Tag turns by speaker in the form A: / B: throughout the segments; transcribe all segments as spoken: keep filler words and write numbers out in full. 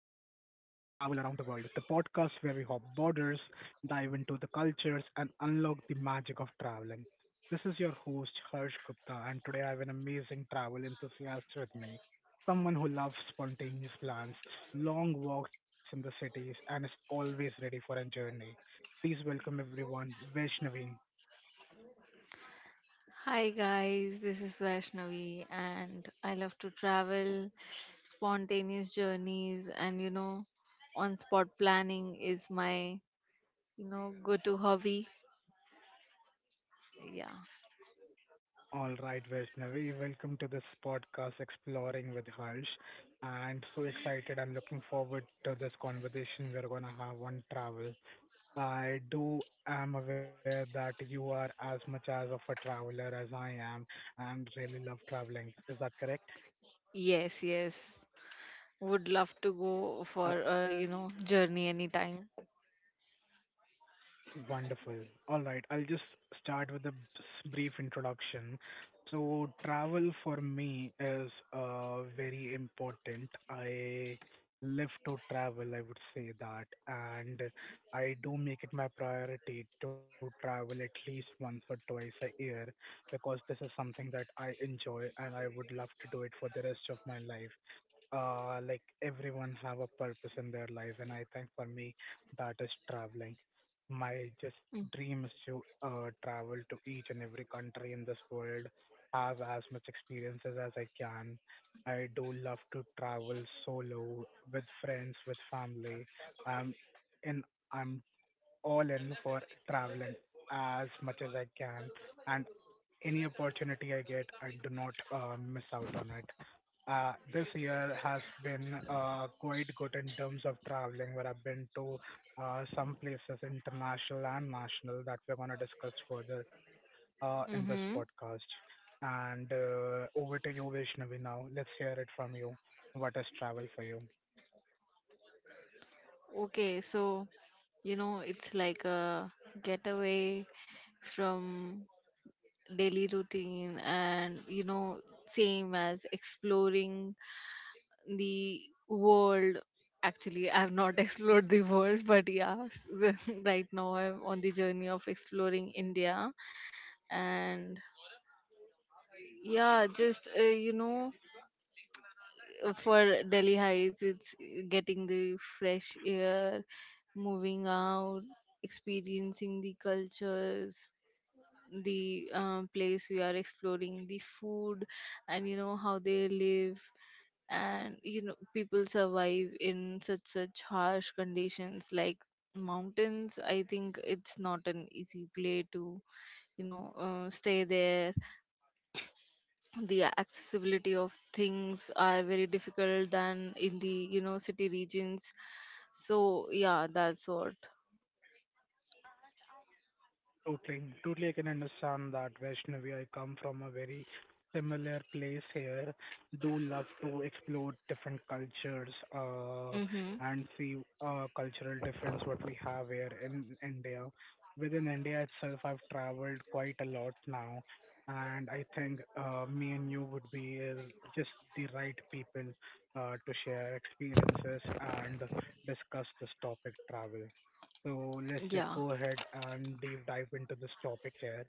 A: travel around the world, the podcast where we hop borders, dive into the cultures, and unlock the magic of traveling. This is your host, Harsh Gupta, and today I have an amazing travel enthusiast with me. Someone who loves spontaneous plans, long walks in the cities, and is always ready for a journey. Please welcome everyone, Vaishnavi.
B: Hi guys, this is Vaishnavi and I love to travel, spontaneous journeys and you know on spot planning is my you know go to hobby. Yeah.
A: All right, Vaishnavi, welcome to this podcast Exploring with Harsh. And so excited, I'm looking forward to this conversation we're going to have on travel. I do am aware that you are as much as of a traveler as I am and really love traveling. Is that correct?
B: Yes, yes. Would love to go
A: Uh,
B: for a you know journey anytime.
A: Wonderful. All right, I'll just start with a b- s- brief introduction. So, travel for me is uh, very important. I live to travel, I would say that, and I do make it my priority to travel at least once or twice a year because this is something that I enjoy and I would love to do it for the rest of my life, uh, like everyone have a purpose in their life, and I think for me that is traveling. My just dream is to uh, travel to each and every country in this world, have as much experiences as I can. I do love to travel solo, with friends, with family. Um, and I'm all in for traveling as much as I can, and any opportunity I get, I do not uh, miss out on it. Uh, this year has been uh, quite good in terms of traveling, where I've been to uh, some places international and national that we're going to discuss further uh, in this
B: Mm-hmm.
A: podcast. And uh, over to you, Vishnavi, now. Let's hear it from you. What is travel for you?
B: Okay, so you know it's like a getaway from daily routine and you know same as exploring the world. Actually, I have not explored the world, but yeah, right now I'm on the journey of exploring India. And yeah, just uh, you know uh, for Delhi heights it's getting the fresh air, moving out, experiencing the cultures, the um, place we are exploring the food, and you know how they live, and you know people survive in such such harsh conditions like mountains. I think it's not an easy play to you know uh, stay there. The accessibility of things are very difficult than in the you know city regions. So yeah, that's what.
A: Totally. Totally, I can understand that, Vaishnavi. I come from a very similar place here. Do love to explore different cultures, uh,
B: Mm-hmm.
A: and see uh, cultural difference what we have here in India. Within India itself, I've traveled quite a lot now, and I think uh, me and you would be uh, just the right people uh, to share experiences and discuss this topic, travel. So let's just
B: Yeah.
A: go ahead and deep dive into this topic here.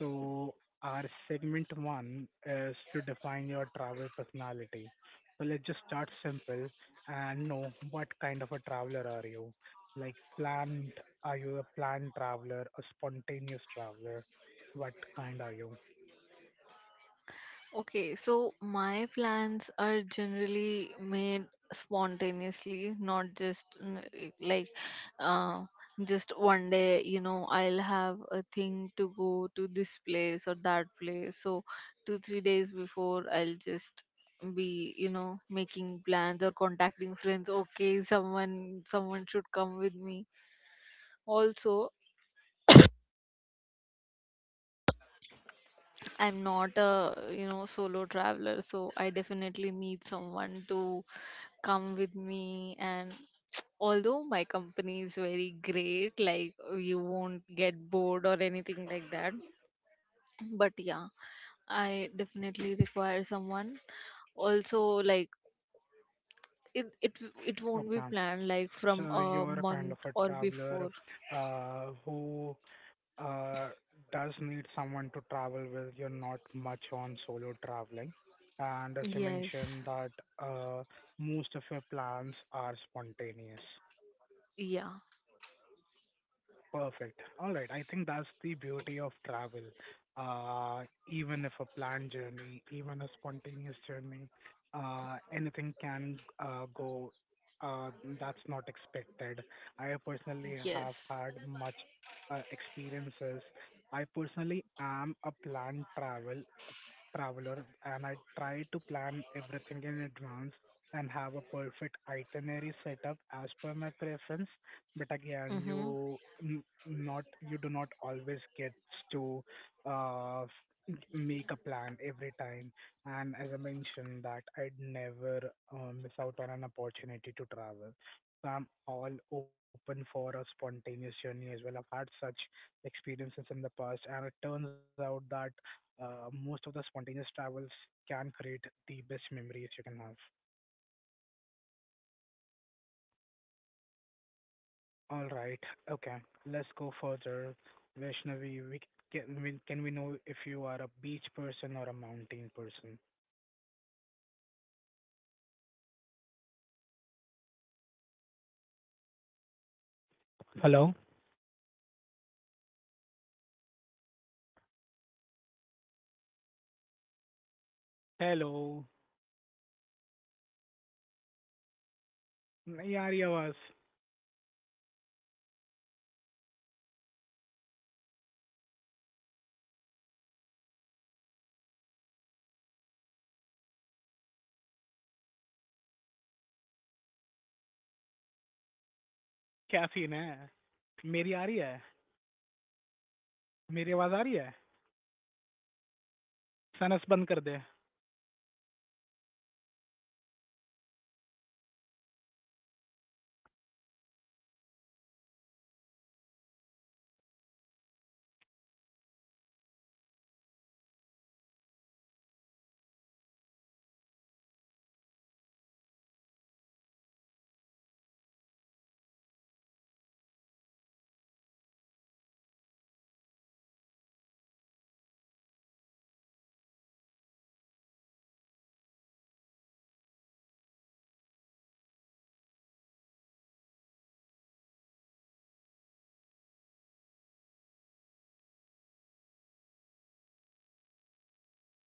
A: So our segment one is to define your travel personality. So let's just start simple and know what kind of a traveler are you? Like planned, are you a planned traveler, a spontaneous traveler? What kind are you?
B: Okay, so my plans are generally made spontaneously, not just mm, like uh, just one day, you know, I'll have a thing to go to this place or that place. So two, three days before, I'll just be you know making plans or contacting friends. Okay, someone someone should come with me. Also, I'm not a, you know, solo traveler, so I definitely need someone to come with me. And although my company is very great, like you won't get bored or anything like that. But yeah, I definitely require someone. Also, like it it it won't be
A: Okay.
B: planned like from
A: So
B: a
A: you're a kind
B: month
A: of a
B: or before.
A: traveler uh, who uh, does need someone to travel with. You're not much on solo traveling. And as you
B: Yes.
A: mentioned that uh, most of your plans are spontaneous.
B: Yeah.
A: Perfect. All right. I think that's the beauty of travel. Uh, even if a planned journey, even a spontaneous journey, uh, anything can uh, go. Uh, that's not expected. I personally have
B: Yes.
A: had much uh, experiences. I personally am a planned travel traveler and I try to plan everything in advance and have a perfect itinerary set up as per my preference. But again,
B: Mm-hmm.
A: you n- not you do not always get to uh, make a plan every time. And as I mentioned, that I'd never uh, miss out on an opportunity to travel. So I'm all open for a spontaneous journey as well. I've had such experiences in the past, and it turns out that uh, most of the spontaneous travels can create the best memories you can have. All right, okay, let's go further. Vaishnavi, we can, we, can we know if you are a beach person or a mountain person? Hello, hello, नहीं आ रही आवाज। क्या scene है? मेरी आ रही है। मेरी आवाज आ रही है। सनस बंद कर दे।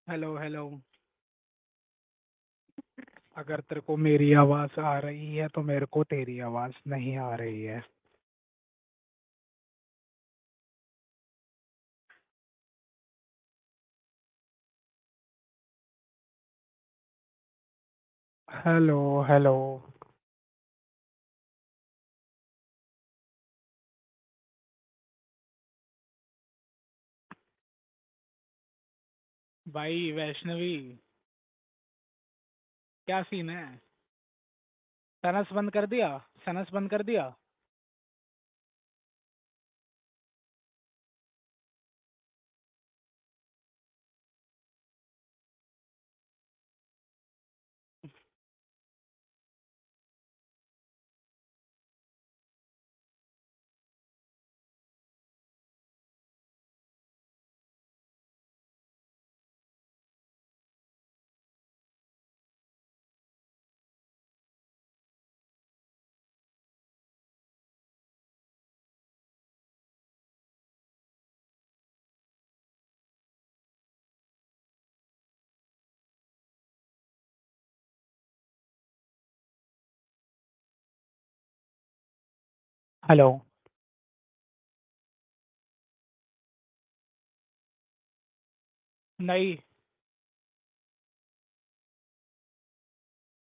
A: Hello, hello. अगर तेरे को मेरी आवाज आ रही है तो मेरे को तेरी आवाज नहीं आ रही है। Hello, hello. भाई वैष्णवी, क्या सीन है? सनस बंद कर दिया। सनस बंद कर दिया। हेलो। नहीं।